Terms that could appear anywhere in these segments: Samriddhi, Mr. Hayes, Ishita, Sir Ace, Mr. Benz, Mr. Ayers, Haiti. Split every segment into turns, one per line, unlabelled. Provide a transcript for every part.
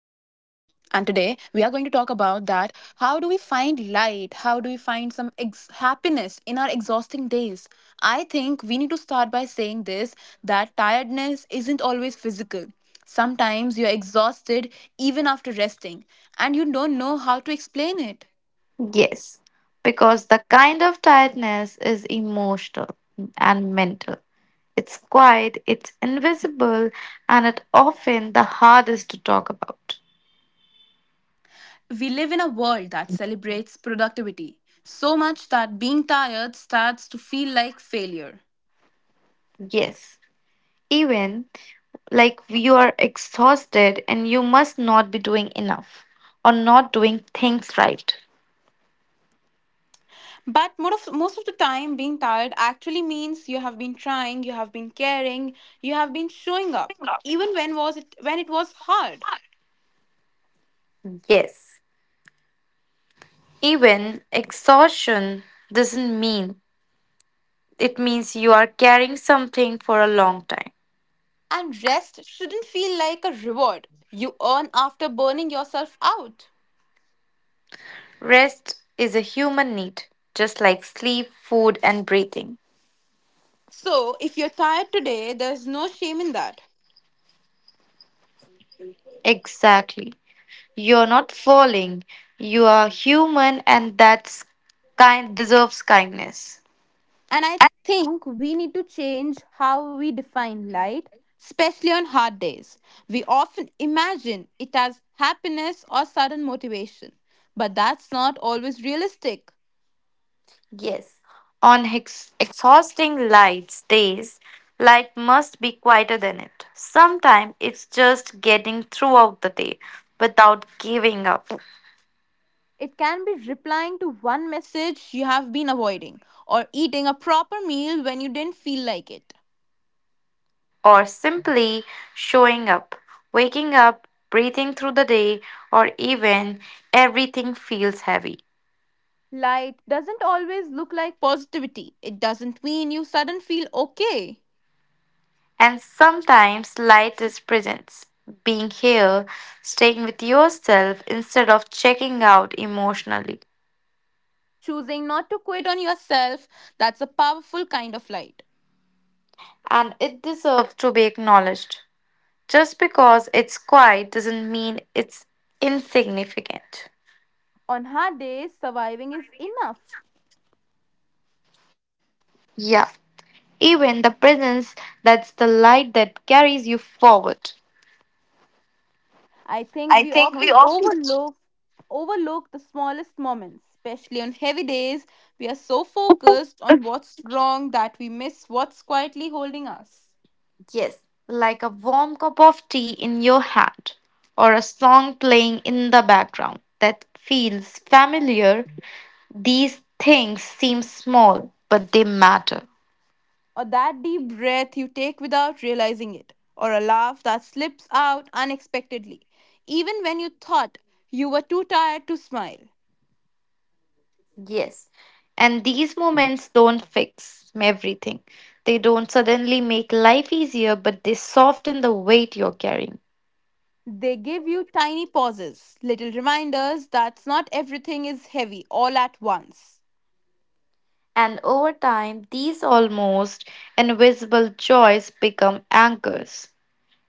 are going to talk about that how do we find light? How do we find some happiness in our exhausting days? I think we need to start by saying this that tiredness isn't always physical. Sometimes you're exhausted even after resting and you don't know how to explain it.
Yes, because the kind of tiredness is emotional and mental. It's quiet, it's invisible, and it's often the hardest to talk about.
We live in a world that celebrates productivity so much that being tired starts to feel like failure.
Yes, even like you are exhausted and you must not be doing enough or not doing things right.
But most of the time, being tired actually means you have been trying, you have been caring, you have been showing up, even when it was hard.
Yes. Even exhaustion doesn't mean it means you are carrying something for a long time.
And rest shouldn't feel like a reward you earn after burning yourself out.
Rest is a human need, just like sleep, food, and breathing.
So, if you're tired today, there's no shame in that.
Exactly. You're not falling. You are human and that's kind deserves kindness.
And I think we need to change how we define light, especially on hard days. We often imagine it as happiness or sudden motivation, but that's not always realistic.
Yes, on exhausting light's days, light must be quieter than it. Sometimes it's just getting throughout the day without giving up.
It can be replying to one message you have been avoiding or eating a proper meal when you didn't feel like it.
Or simply showing up, waking up, breathing through the day, or even everything feels heavy.
Light doesn't always look like positivity. It doesn't mean you suddenly feel okay.
And sometimes light is presence, being here, staying with yourself instead of checking out emotionally.
Choosing not to quit on yourself, that's a powerful kind of light.
And it deserves to be acknowledged. Just because it's quiet doesn't mean it's insignificant.
On hard days, surviving is enough.
Yeah, even the presence, that's the light that carries you forward.
I
I
think we
think we
often
often.
overlook the smallest moments, especially on heavy days. We are so focused on what's wrong that we miss what's quietly holding us.
Yes, like a warm cup of tea in your hand or a song playing in the background that feels familiar. These things seem small, but they matter.
Or that deep breath you take without realizing it, or a laugh that slips out unexpectedly, even when you thought you were too tired to smile.
Yes. And these moments don't fix everything. They don't suddenly make life easier, but they soften the weight you're carrying.
They give you tiny pauses, little reminders that not everything is heavy all at once.
And over time, these almost invisible joys become anchors,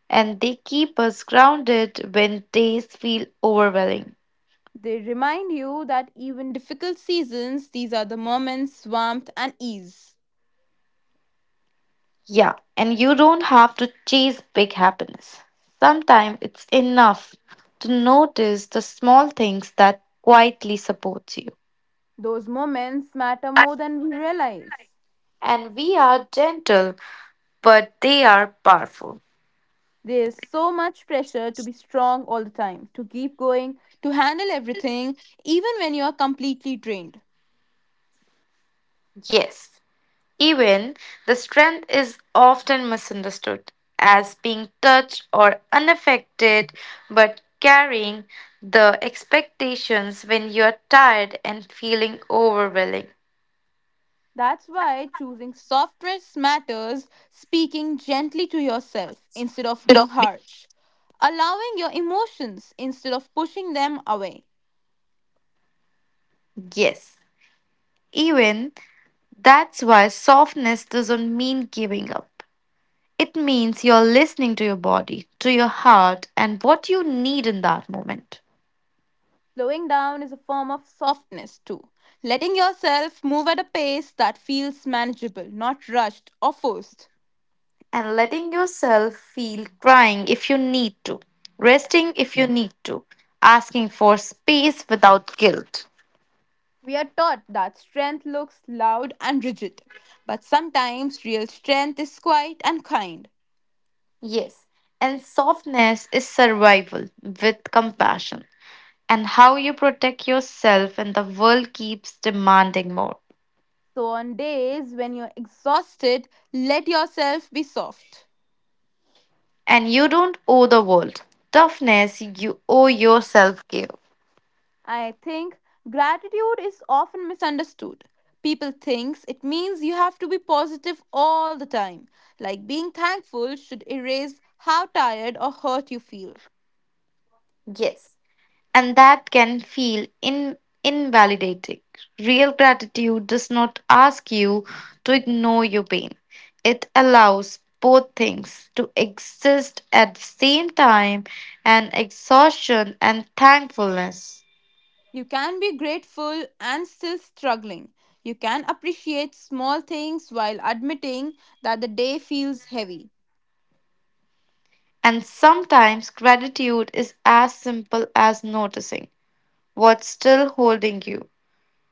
and they keep us grounded when days feel overwhelming.
They remind you that even difficult seasons, these are the moments, warmth, and ease.
Yeah, and you don't have to chase big happiness. Sometimes it's enough to notice the small things that quietly support you.
Those moments matter more than we realize.
And we are gentle, but they are powerful.
There is so much pressure to be strong all the time, to keep going, to handle everything, even when you are completely drained.
Yes. Even the strength is often misunderstood as being touch or unaffected, but carrying the expectations when you are tired and feeling overwhelming.
That's why choosing soft dress matters, speaking gently to yourself instead of
Should
being
of be-
harsh, allowing your emotions instead of pushing them away.
Yes, even that's why softness doesn't mean giving up. It means you're listening to your body, to your heart, and what you need in that moment.
Slowing down is a form of softness too, letting yourself move at a pace that feels manageable, not rushed or forced.
And letting yourself feel crying if you need to, resting if you need to, asking for space without guilt.
We are taught that strength looks loud and rigid, but sometimes real strength is quiet and kind.
Yes, and softness is survival with compassion, and how you protect yourself when the world keeps demanding more.
So, on days when you're exhausted, let yourself be soft.
And you don't owe the world toughness, you owe yourself care.
I think gratitude is often misunderstood. People thinks it means you have to be positive all the time. Like being thankful should erase how tired or hurt you feel.
Yes, and that can feel invalidating. Real gratitude does not ask you to ignore your pain, it allows both things to exist at the same time and exhaustion and thankfulness.
You can be grateful and still struggling. You can appreciate small things while admitting that the day feels heavy.
And sometimes gratitude is as simple as noticing what's still holding you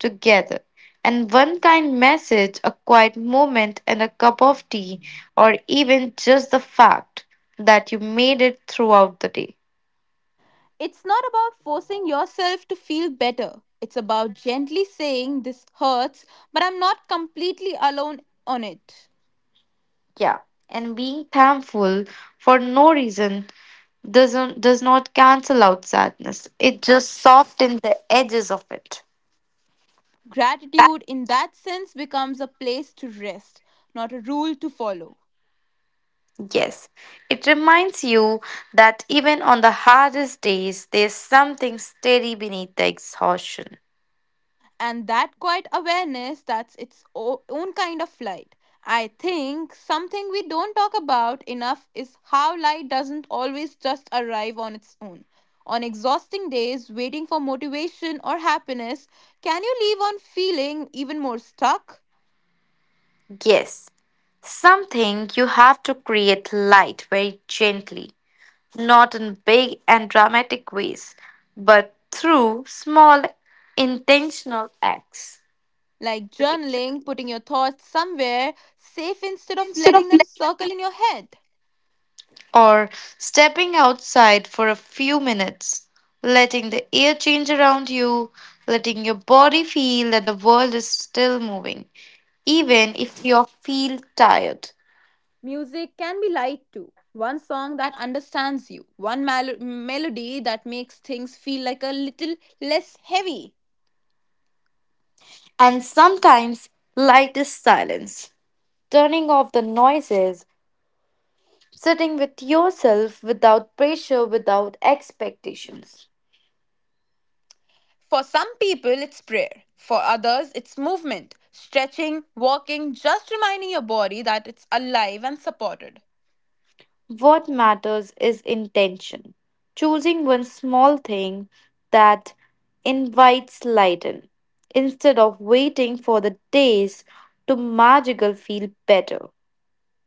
together. And one kind message, a quiet moment, and a cup of tea, or even just the fact that you made it throughout the day.
It's not about forcing yourself to feel better. It's about gently saying, "This hurts, but I'm not completely alone on it."
Yeah. And being thankful for no reason does not cancel out sadness. It just softens the edges of it.
Gratitude, in that sense, becomes a place to rest, not a rule to follow.
Yes. It reminds you that even on the hardest days there's something steady beneath the exhaustion.
And that quiet awareness, that's its own kind of light. I think something we don't talk about enough is how light doesn't always just arrive on its own. On exhausting days, waiting for motivation or happiness can you leave on feeling even more stuck,
Yes. Something you have to create light very gently, not in big and dramatic ways, but through small intentional acts.
like journaling, putting your thoughts somewhere safe instead of
Instead of
letting them
let
circle in your head.
Or stepping outside for a few minutes, letting the air change around you, letting your body feel that the world is still moving, even if you feel tired.
Music can be light too. One song that understands you, one melody that makes things feel like a little less heavy.
And sometimes light is silence, turning off the noises. Sitting with yourself without pressure, without expectations.
For some people, it's prayer. For others, it's movement, stretching, walking, just reminding your body that it's alive and supported.
What matters is intention. Choosing one small thing that invites light in, instead of waiting for the days to magical feel better.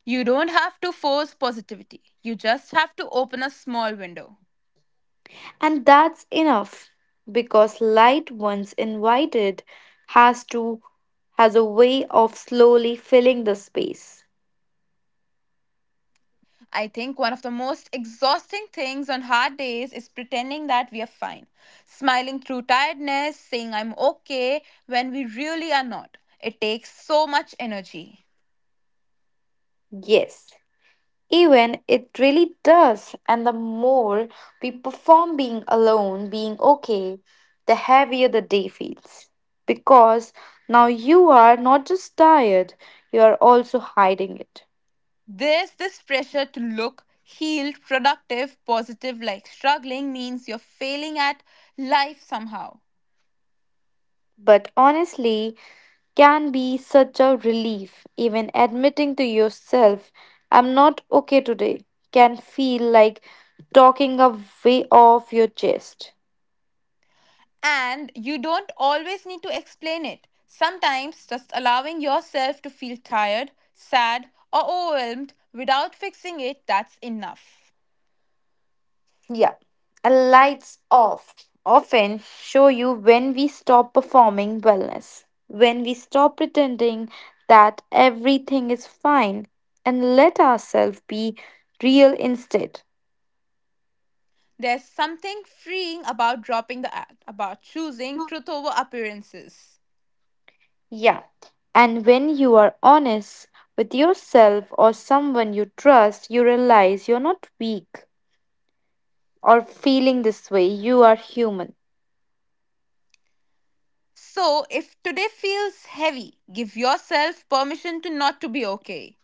You don't have to force positivity, you just have to open a small window.
And that's enough because light once invited has to has a way of slowly filling the space.
I think one of the most exhausting things on hard days is pretending that we are fine. Smiling through tiredness, saying I'm okay when we really are not. It takes so much energy.
Yes, even it really does. And the more we perform being alone, being okay, the heavier the day feels. Because now you are not just tired, you are also hiding it.
This pressure to look healed, productive, positive, like struggling means you're failing at life somehow.
But honestly, can be such a relief. Even admitting to yourself, I'm not okay today, can feel like talking a way off your chest.
And you don't always need to explain it. Sometimes just allowing yourself to feel tired, sad, or overwhelmed without fixing it, that's enough.
Yeah. And lights off often show you when we stop performing wellness, when we stop pretending that everything is fine and let ourselves be real instead.
There's something freeing about dropping the act, about choosing truth over appearances.
Yeah. And when you are honest with yourself or someone you trust, you realize you're not weak or feeling this way. You are human.
So, if today feels heavy, give yourself permission to not to be okay.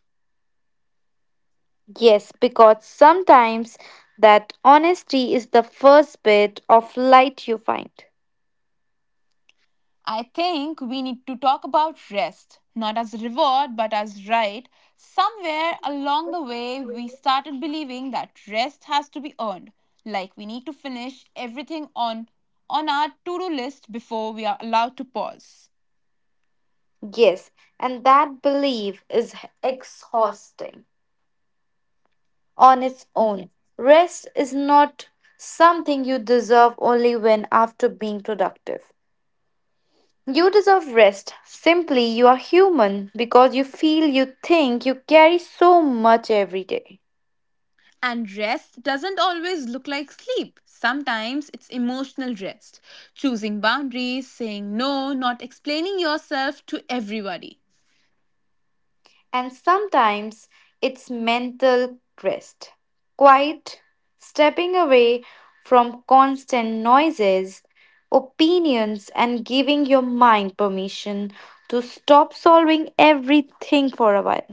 Yes, because sometimes that honesty is the first bit of light you find.
I think we need to talk about rest, not as reward but as right. Somewhere along the way, we started believing that rest has to be earned, like we need to finish everything on our to-do list before we are allowed to pause.
Yes, and that belief is exhausting on its own. Rest is not something you deserve only when after being productive. You deserve rest. Simply, you are human because you feel, you think, you carry so much every day.
And rest doesn't always look like sleep. Sometimes it's emotional rest, choosing boundaries, saying no, not explaining yourself to everybody.
And sometimes it's mental rest, quiet, stepping away from constant noises, opinions, and giving your mind permission to stop solving everything for a while.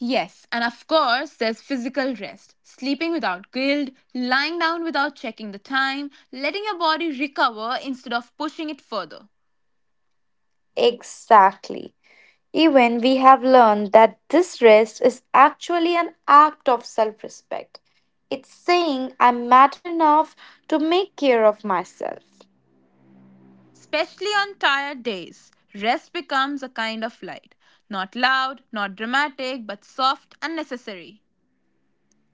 Yes, and of course, there's physical rest. Sleeping without guilt, lying down without checking the time, letting your body recover instead of pushing it further.
Exactly. Even we have learned that this rest is actually an act of self respect. It's saying I matter enough to make care of myself.
Especially on tired days, rest becomes a kind of light. Not loud, not dramatic, but soft and necessary.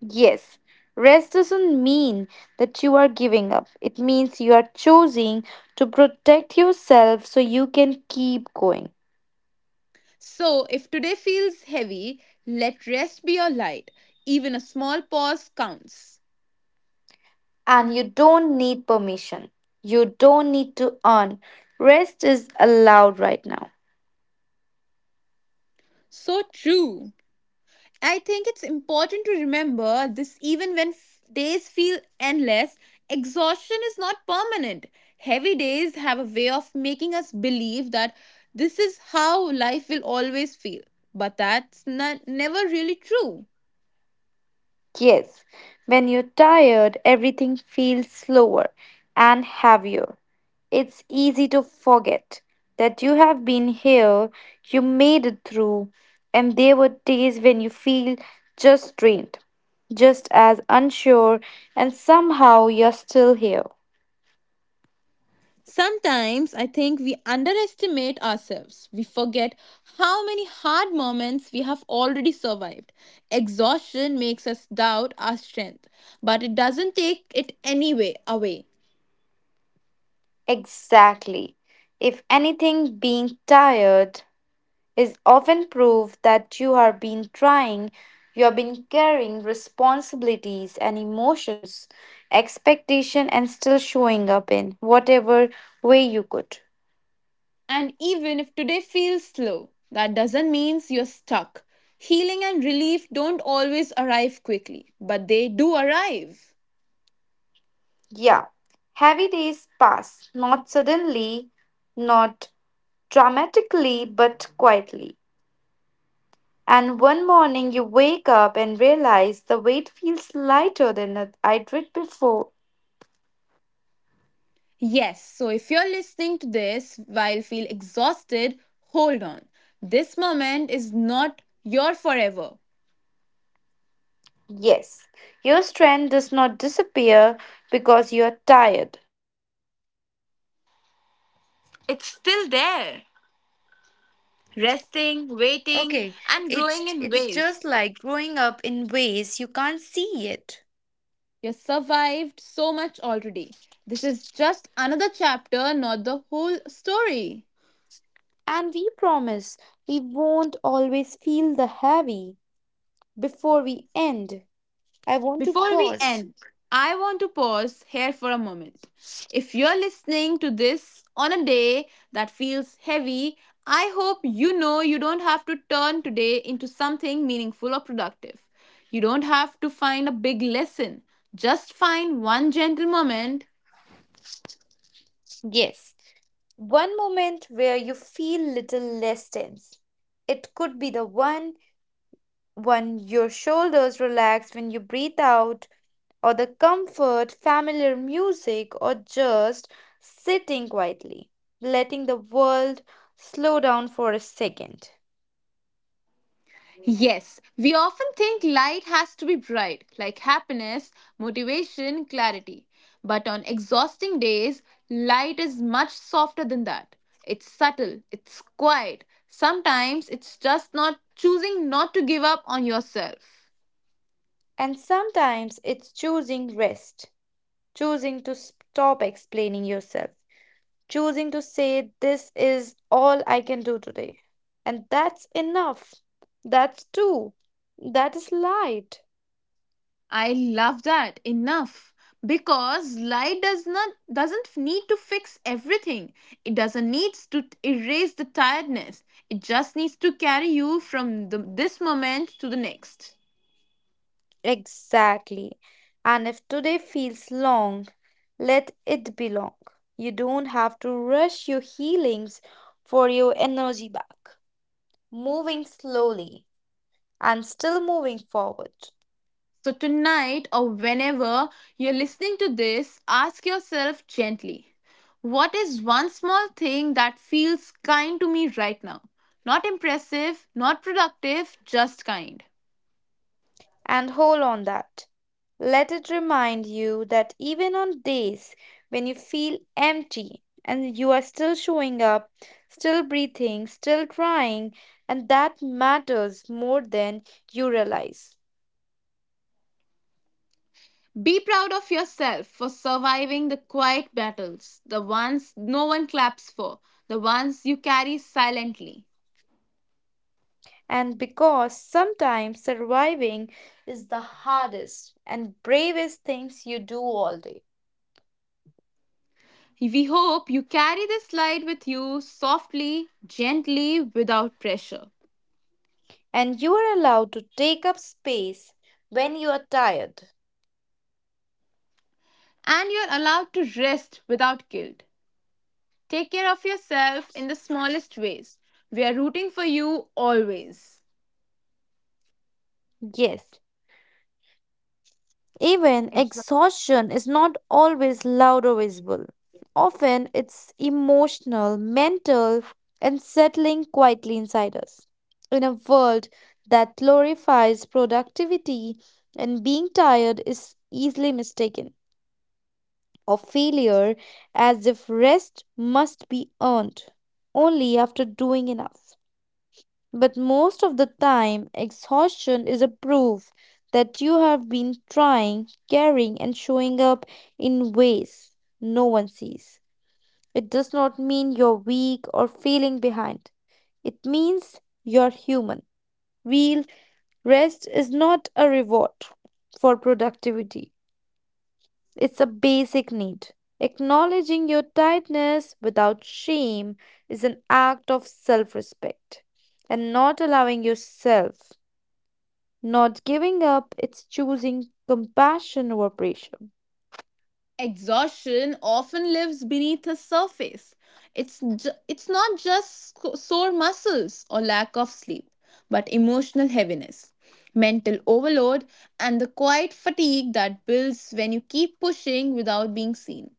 Yes, rest doesn't mean that you are giving up. It means you are choosing to protect yourself so you can keep going.
So, if today feels heavy, let rest be your light. Even a small pause counts.
And you don't need permission, you don't need to earn. Rest is allowed right now.
So true. I think it's important to remember this, even when days feel endless, exhaustion is not permanent. Heavy days have a way of making us believe that this is how life will always feel. But that's not, never really true.
Yes, when you're tired, everything feels slower and heavier. It's easy to forget that you have been here, you made it through, and there were days when you feel just drained, just as unsure, and somehow you're still here.
Sometimes I think we underestimate ourselves. We forget how many hard moments we have already survived. Exhaustion makes us doubt our strength, but it doesn't take it anyway away.
Exactly. If anything, being tired is often proof that you have been trying, you have been carrying responsibilities and emotions, expectation, and still showing up in whatever way you could.
And even if today feels slow, that doesn't mean you're stuck. Healing and relief don't always arrive quickly, but they do arrive.
Yeah, heavy days pass, not suddenly, not dramatically, but quietly. And one morning you wake up and realize the weight feels lighter than I did before.
Yes, so if you're listening to this while feel exhausted, hold on. This moment is not your forever.
Yes, your strength does not disappear because you are tired.
It's still there, resting, waiting,
Okay,
and growing
it's
in
it's just
ways.
like growing up in ways you can't see yet.
You survived so much already. This is just another chapter, not the whole story.
And we promise we won't always feel the heavy before we end. I want to
Before we
pause.
end, I want to pause here for a moment. If you're listening to this on a day that feels heavy, I hope you know you don't have to turn today into something meaningful or productive. You don't have to find a big lesson. Just find one gentle moment.
Yes, one moment where you feel little less tense. It could be the one when your shoulders relax when you breathe out, or the comfort, familiar music, or just sitting quietly, letting the world slow down for a second.
Yes, we often think light has to be bright, like happiness, motivation, clarity. But on exhausting days, light is much softer than that. It's subtle, it's quiet. Sometimes it's just not choosing not to give up on yourself.
And sometimes it's choosing rest, choosing to stop explaining yourself, choosing to say, this is all I can do today. And that's enough. That's two. That is light.
I love that enough because light doesn't need to fix everything. It doesn't needs to erase the tiredness. It just needs to carry you from this moment to the next.
Exactly. And if today feels long, let it be long. You don't have to rush your healings for your energy back. Moving slowly and still moving forward.
So tonight or whenever you're listening to this, ask yourself gently, what is one small thing that feels kind to me right now? Not impressive, not productive, just kind.
And hold on that. Let it remind you that even on days when you feel empty and you are still showing up, still breathing, still trying, and that matters more than you realize.
Be proud of yourself for surviving the quiet battles, the ones no one claps for, the ones you carry silently.
And because sometimes surviving is the hardest and bravest things you do all day.
We hope you carry this slide with you softly, gently, without pressure.
And you are allowed to take up space when you are tired.
And you're allowed to rest without guilt. Take care of yourself in the smallest ways. We are rooting for you always.
Yes, even
Exactly.
exhaustion is not always loud or visible. Often it's emotional, mental, and settling quietly inside us. In a world that glorifies productivity and being tired is easily mistaken of failure as if rest must be earned only after doing enough. But most of the time, exhaustion is a proof that you have been trying, caring, and showing up in ways no one sees. It does not mean you're weak or feeling behind, it means you're human. Real rest is not a reward for productivity, it's a basic need. Acknowledging your tiredness without shame is an act of self respect. And not allowing yourself, not giving up, it's choosing compassion over pressure.
Exhaustion often lives beneath the surface. It's, it's not just sore muscles or lack of sleep, but emotional heaviness, mental overload, and the quiet fatigue that builds when you keep pushing without being seen.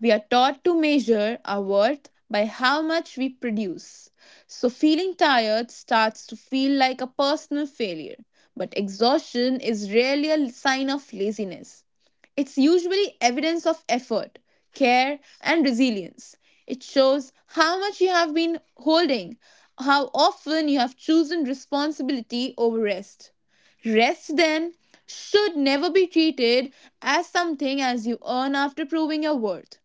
We are taught to measure our worth by how much we produce. So, feeling tired starts to feel like a personal failure. But exhaustion is rarely a sign of laziness. It's usually evidence of effort, care, and resilience. It shows how much you have been holding, how often you have chosen responsibility over rest. Rest, then, should never be treated as something as you earn after proving your worth.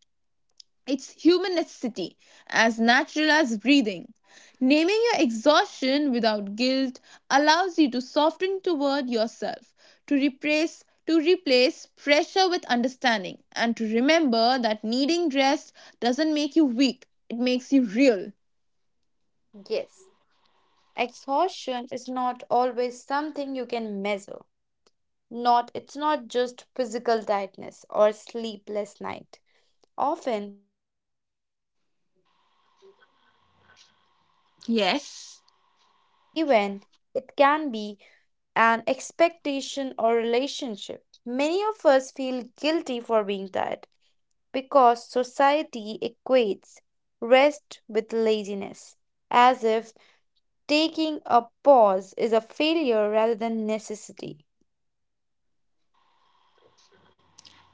It's human necessity, as natural as breathing. Naming your exhaustion without guilt allows you to soften toward yourself, to replace pressure with understanding, and to remember that needing rest doesn't make you weak, it makes you real.
Yes, exhaustion is not always something you can measure. Not It's not just physical tiredness or sleepless night. Often
Yes.
when it can be an expectation or relationship. Many of us feel guilty for being tired because society equates rest with laziness, as if taking a pause is a failure rather than necessity.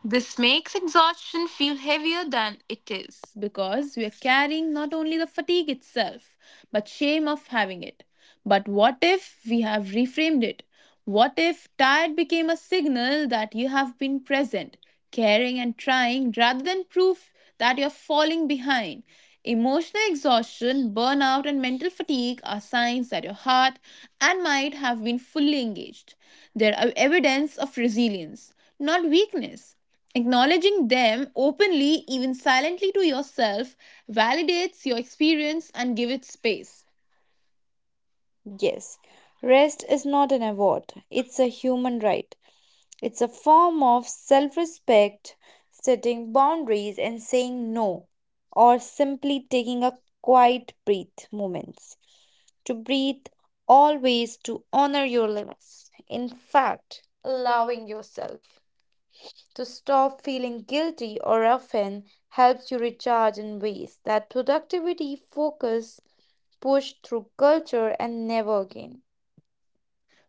This makes exhaustion feel heavier than it is because we are carrying not only the fatigue itself, but shame of having it. But what if we have reframed it? What if tired became a signal that you have been present, caring, and trying rather than proof that you're falling behind? Emotional exhaustion, burnout, and mental fatigue are signs that your heart and mind have been fully engaged. They are evidence of resilience, not weakness. Acknowledging them openly, even silently to yourself, validates your experience and gives it space.
Yes, rest is not an award, it's a human right. It's a form of self respect, setting boundaries and saying no, or simply taking a quiet breath moments to breathe always to honor your limits. In fact, allowing yourself to stop feeling guilty or often helps you recharge in ways that productivity, focus, push through culture, and never again.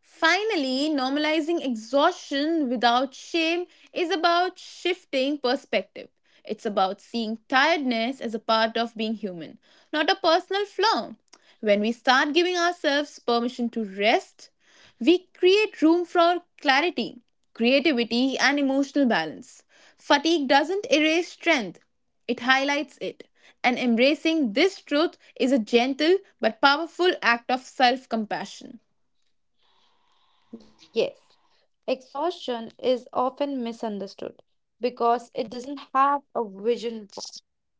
Finally, normalizing exhaustion without shame is about shifting perspective. It's about seeing tiredness as a part of being human, not a personal flaw. When we start giving ourselves permission to rest, we create room for clarity, creativity, and emotional balance. Fatigue doesn't erase strength, it highlights it. And embracing this truth is a gentle but powerful act of self compassion.
Yes, exhaustion is often misunderstood because it doesn't have a vision. Board.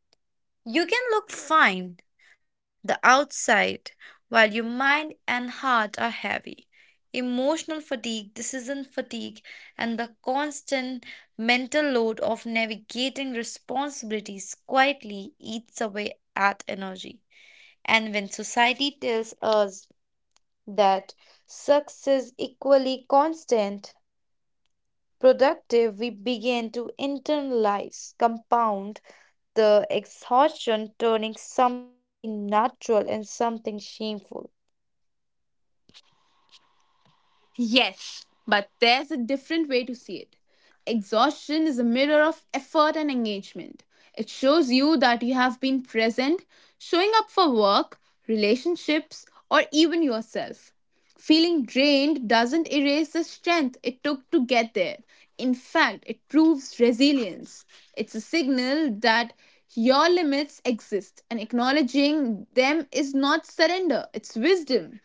You can look fine the outside while your mind and heart are heavy. Emotional fatigue, decision fatigue, and the constant mental load of navigating responsibilities quietly eats away at energy. And when society tells us that success is equally constant, productive, we begin to internalize, compound the exhaustion, turning something natural and something shameful.
Yes, but there's a different way to see it. Exhaustion is a mirror of effort and engagement. It shows you that you have been present, showing up for work, relationships, or even yourself. Feeling drained doesn't erase the strength it took to get there. In fact, it proves resilience. It's a signal that your limits exist, and acknowledging them is not surrender, it's wisdom.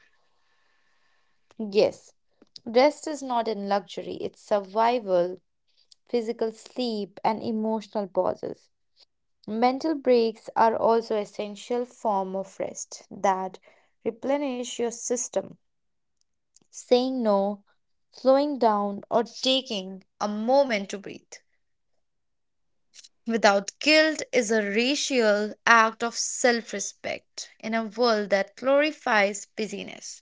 Yes, rest is not a luxury, it's survival, physical sleep, and emotional pauses. Mental breaks are also essential form of rest that replenish your system. Saying no, slowing down, or taking a moment to breathe without guilt is a racial act of self respect in a world that glorifies busyness.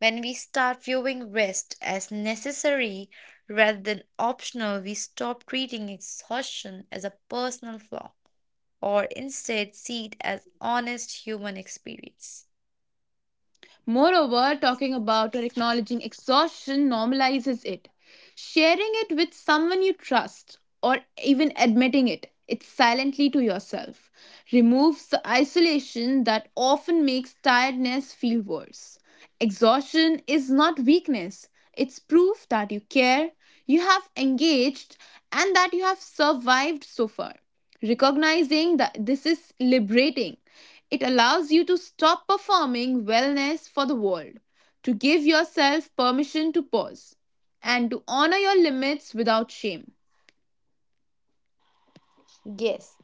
When we start viewing rest as necessary rather than optional, we stop treating exhaustion as a personal flaw or instead see it as honest human experience.
Moreover, talking about or acknowledging exhaustion normalizes it. Sharing it with someone you trust or even admitting it, it's silently to yourself, removes the isolation that often makes tiredness feel worse. Exhaustion is not weakness, it's proof that you care, you have engaged, and that you have survived so far. Recognizing that this is liberating, it allows you to stop performing wellness for the world, to give yourself permission to pause, and to honor your limits without shame.
Yes.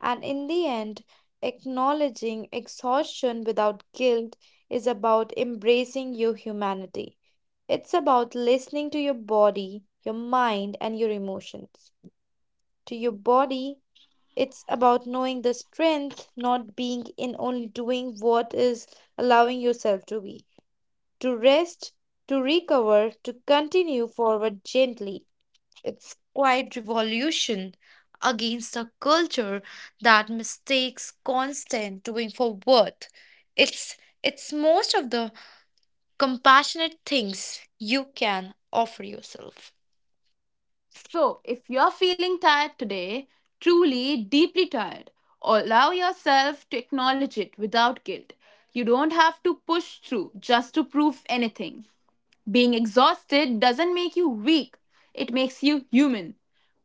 And in the end, acknowledging exhaustion without guilt is about embracing your humanity. It's about listening to your body, your mind, and your emotions. To your body, it's about knowing the strength, not being in only doing what is allowing yourself to be. To rest, to recover, to continue forward gently. It's quite revolution against a culture that mistakes constant doing for worth. It's it's most of the compassionate things you can offer yourself.
So, if you're feeling tired today, truly deeply tired, allow yourself to acknowledge it without guilt. You don't have to push through just to prove anything. Being exhausted doesn't make you weak, it makes you human.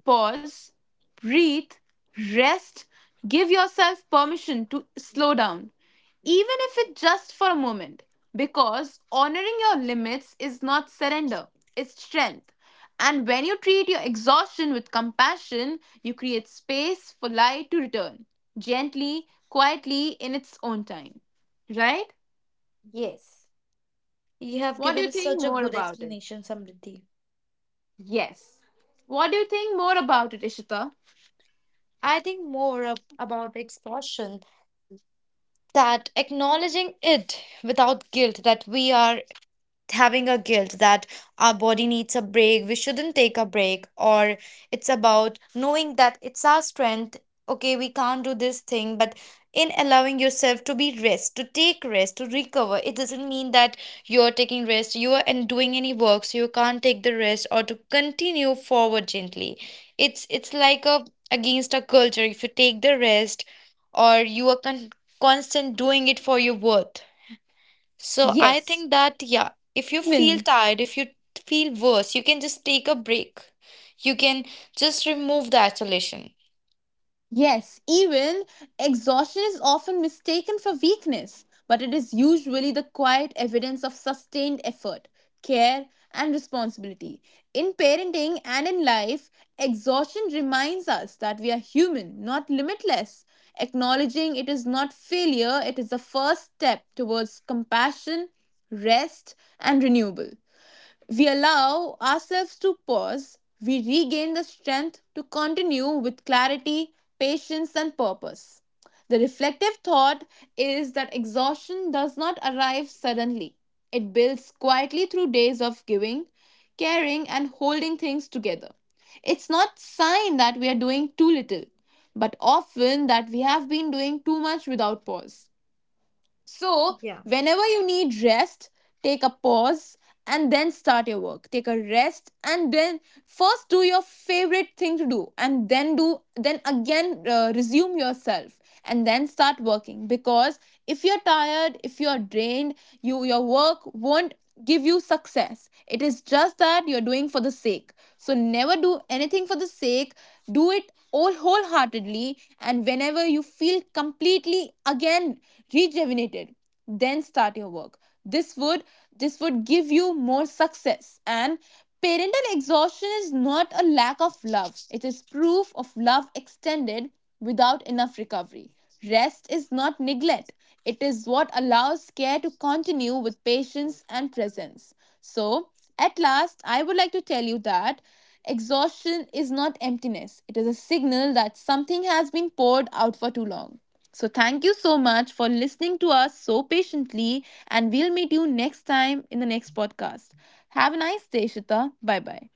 Pause, breathe, rest, give yourself permission to slow down even if it's just for a moment. Because honoring your limits is not surrender, it's strength. And when you treat your exhaustion with compassion, you create space for light to return, gently, quietly, in its own time. Right?
Yes, you have
What do
given
you
us such
think
a
more
good
about it?
explanation, Samriddhi.
Yes. What do you think more about it, Ishita?
I think more about exhaustion that acknowledging it without guilt that we are having a guilt that our body needs a break, we shouldn't take a break, or it's about knowing that it's our strength. Okay, we can't do this thing, but in allowing yourself to be rest, to take rest, to recover, it doesn't mean that you're taking rest, you are and doing any work, so you can't take the rest or to continue forward gently. It's like a against a culture. If you take the rest, or you are constant doing it for your worth, so I
Yes.
think that, yeah, if you feel
Even
tired, if you feel worse, you can just take a break. You can just remove the isolation.
yes, even exhaustion is often mistaken for weakness, but it is usually the quiet evidence of sustained effort, care, and responsibility. In parenting and in life, exhaustion reminds us that we are human, not limitless. Acknowledging it is not failure, it is the first step towards compassion, rest, and renewable we allow ourselves to pause, we regain the strength to continue with clarity, patience, and purpose. The reflective thought is that exhaustion does not arrive suddenly. It builds quietly through days of giving, caring, and holding things together. It's not a sign that we are doing too little, but often that we have been doing too much without pause. So, whenever you need rest, take a pause and then start your work. Take a rest and then first do your favorite thing to do, and then do then again, resume yourself and then start working, because if you're tired, if you're drained, you your work won't give you success. It is just that you're doing for the sake. So never do anything for the sake. Do it all wholeheartedly. And whenever you feel completely again rejuvenated, then start your work. This would this would give you more success. And parental exhaustion is not a lack of love. It is proof of love extended without enough recovery. Rest is not neglect, it is what allows care to continue with patience and presence. So, at last, I would like to tell you that exhaustion is not emptiness, it is a signal that something has been poured out for too long. So, thank you so much for listening to us so patiently, and we'll meet you next time in the next podcast. Have a nice day, Shita. Bye bye.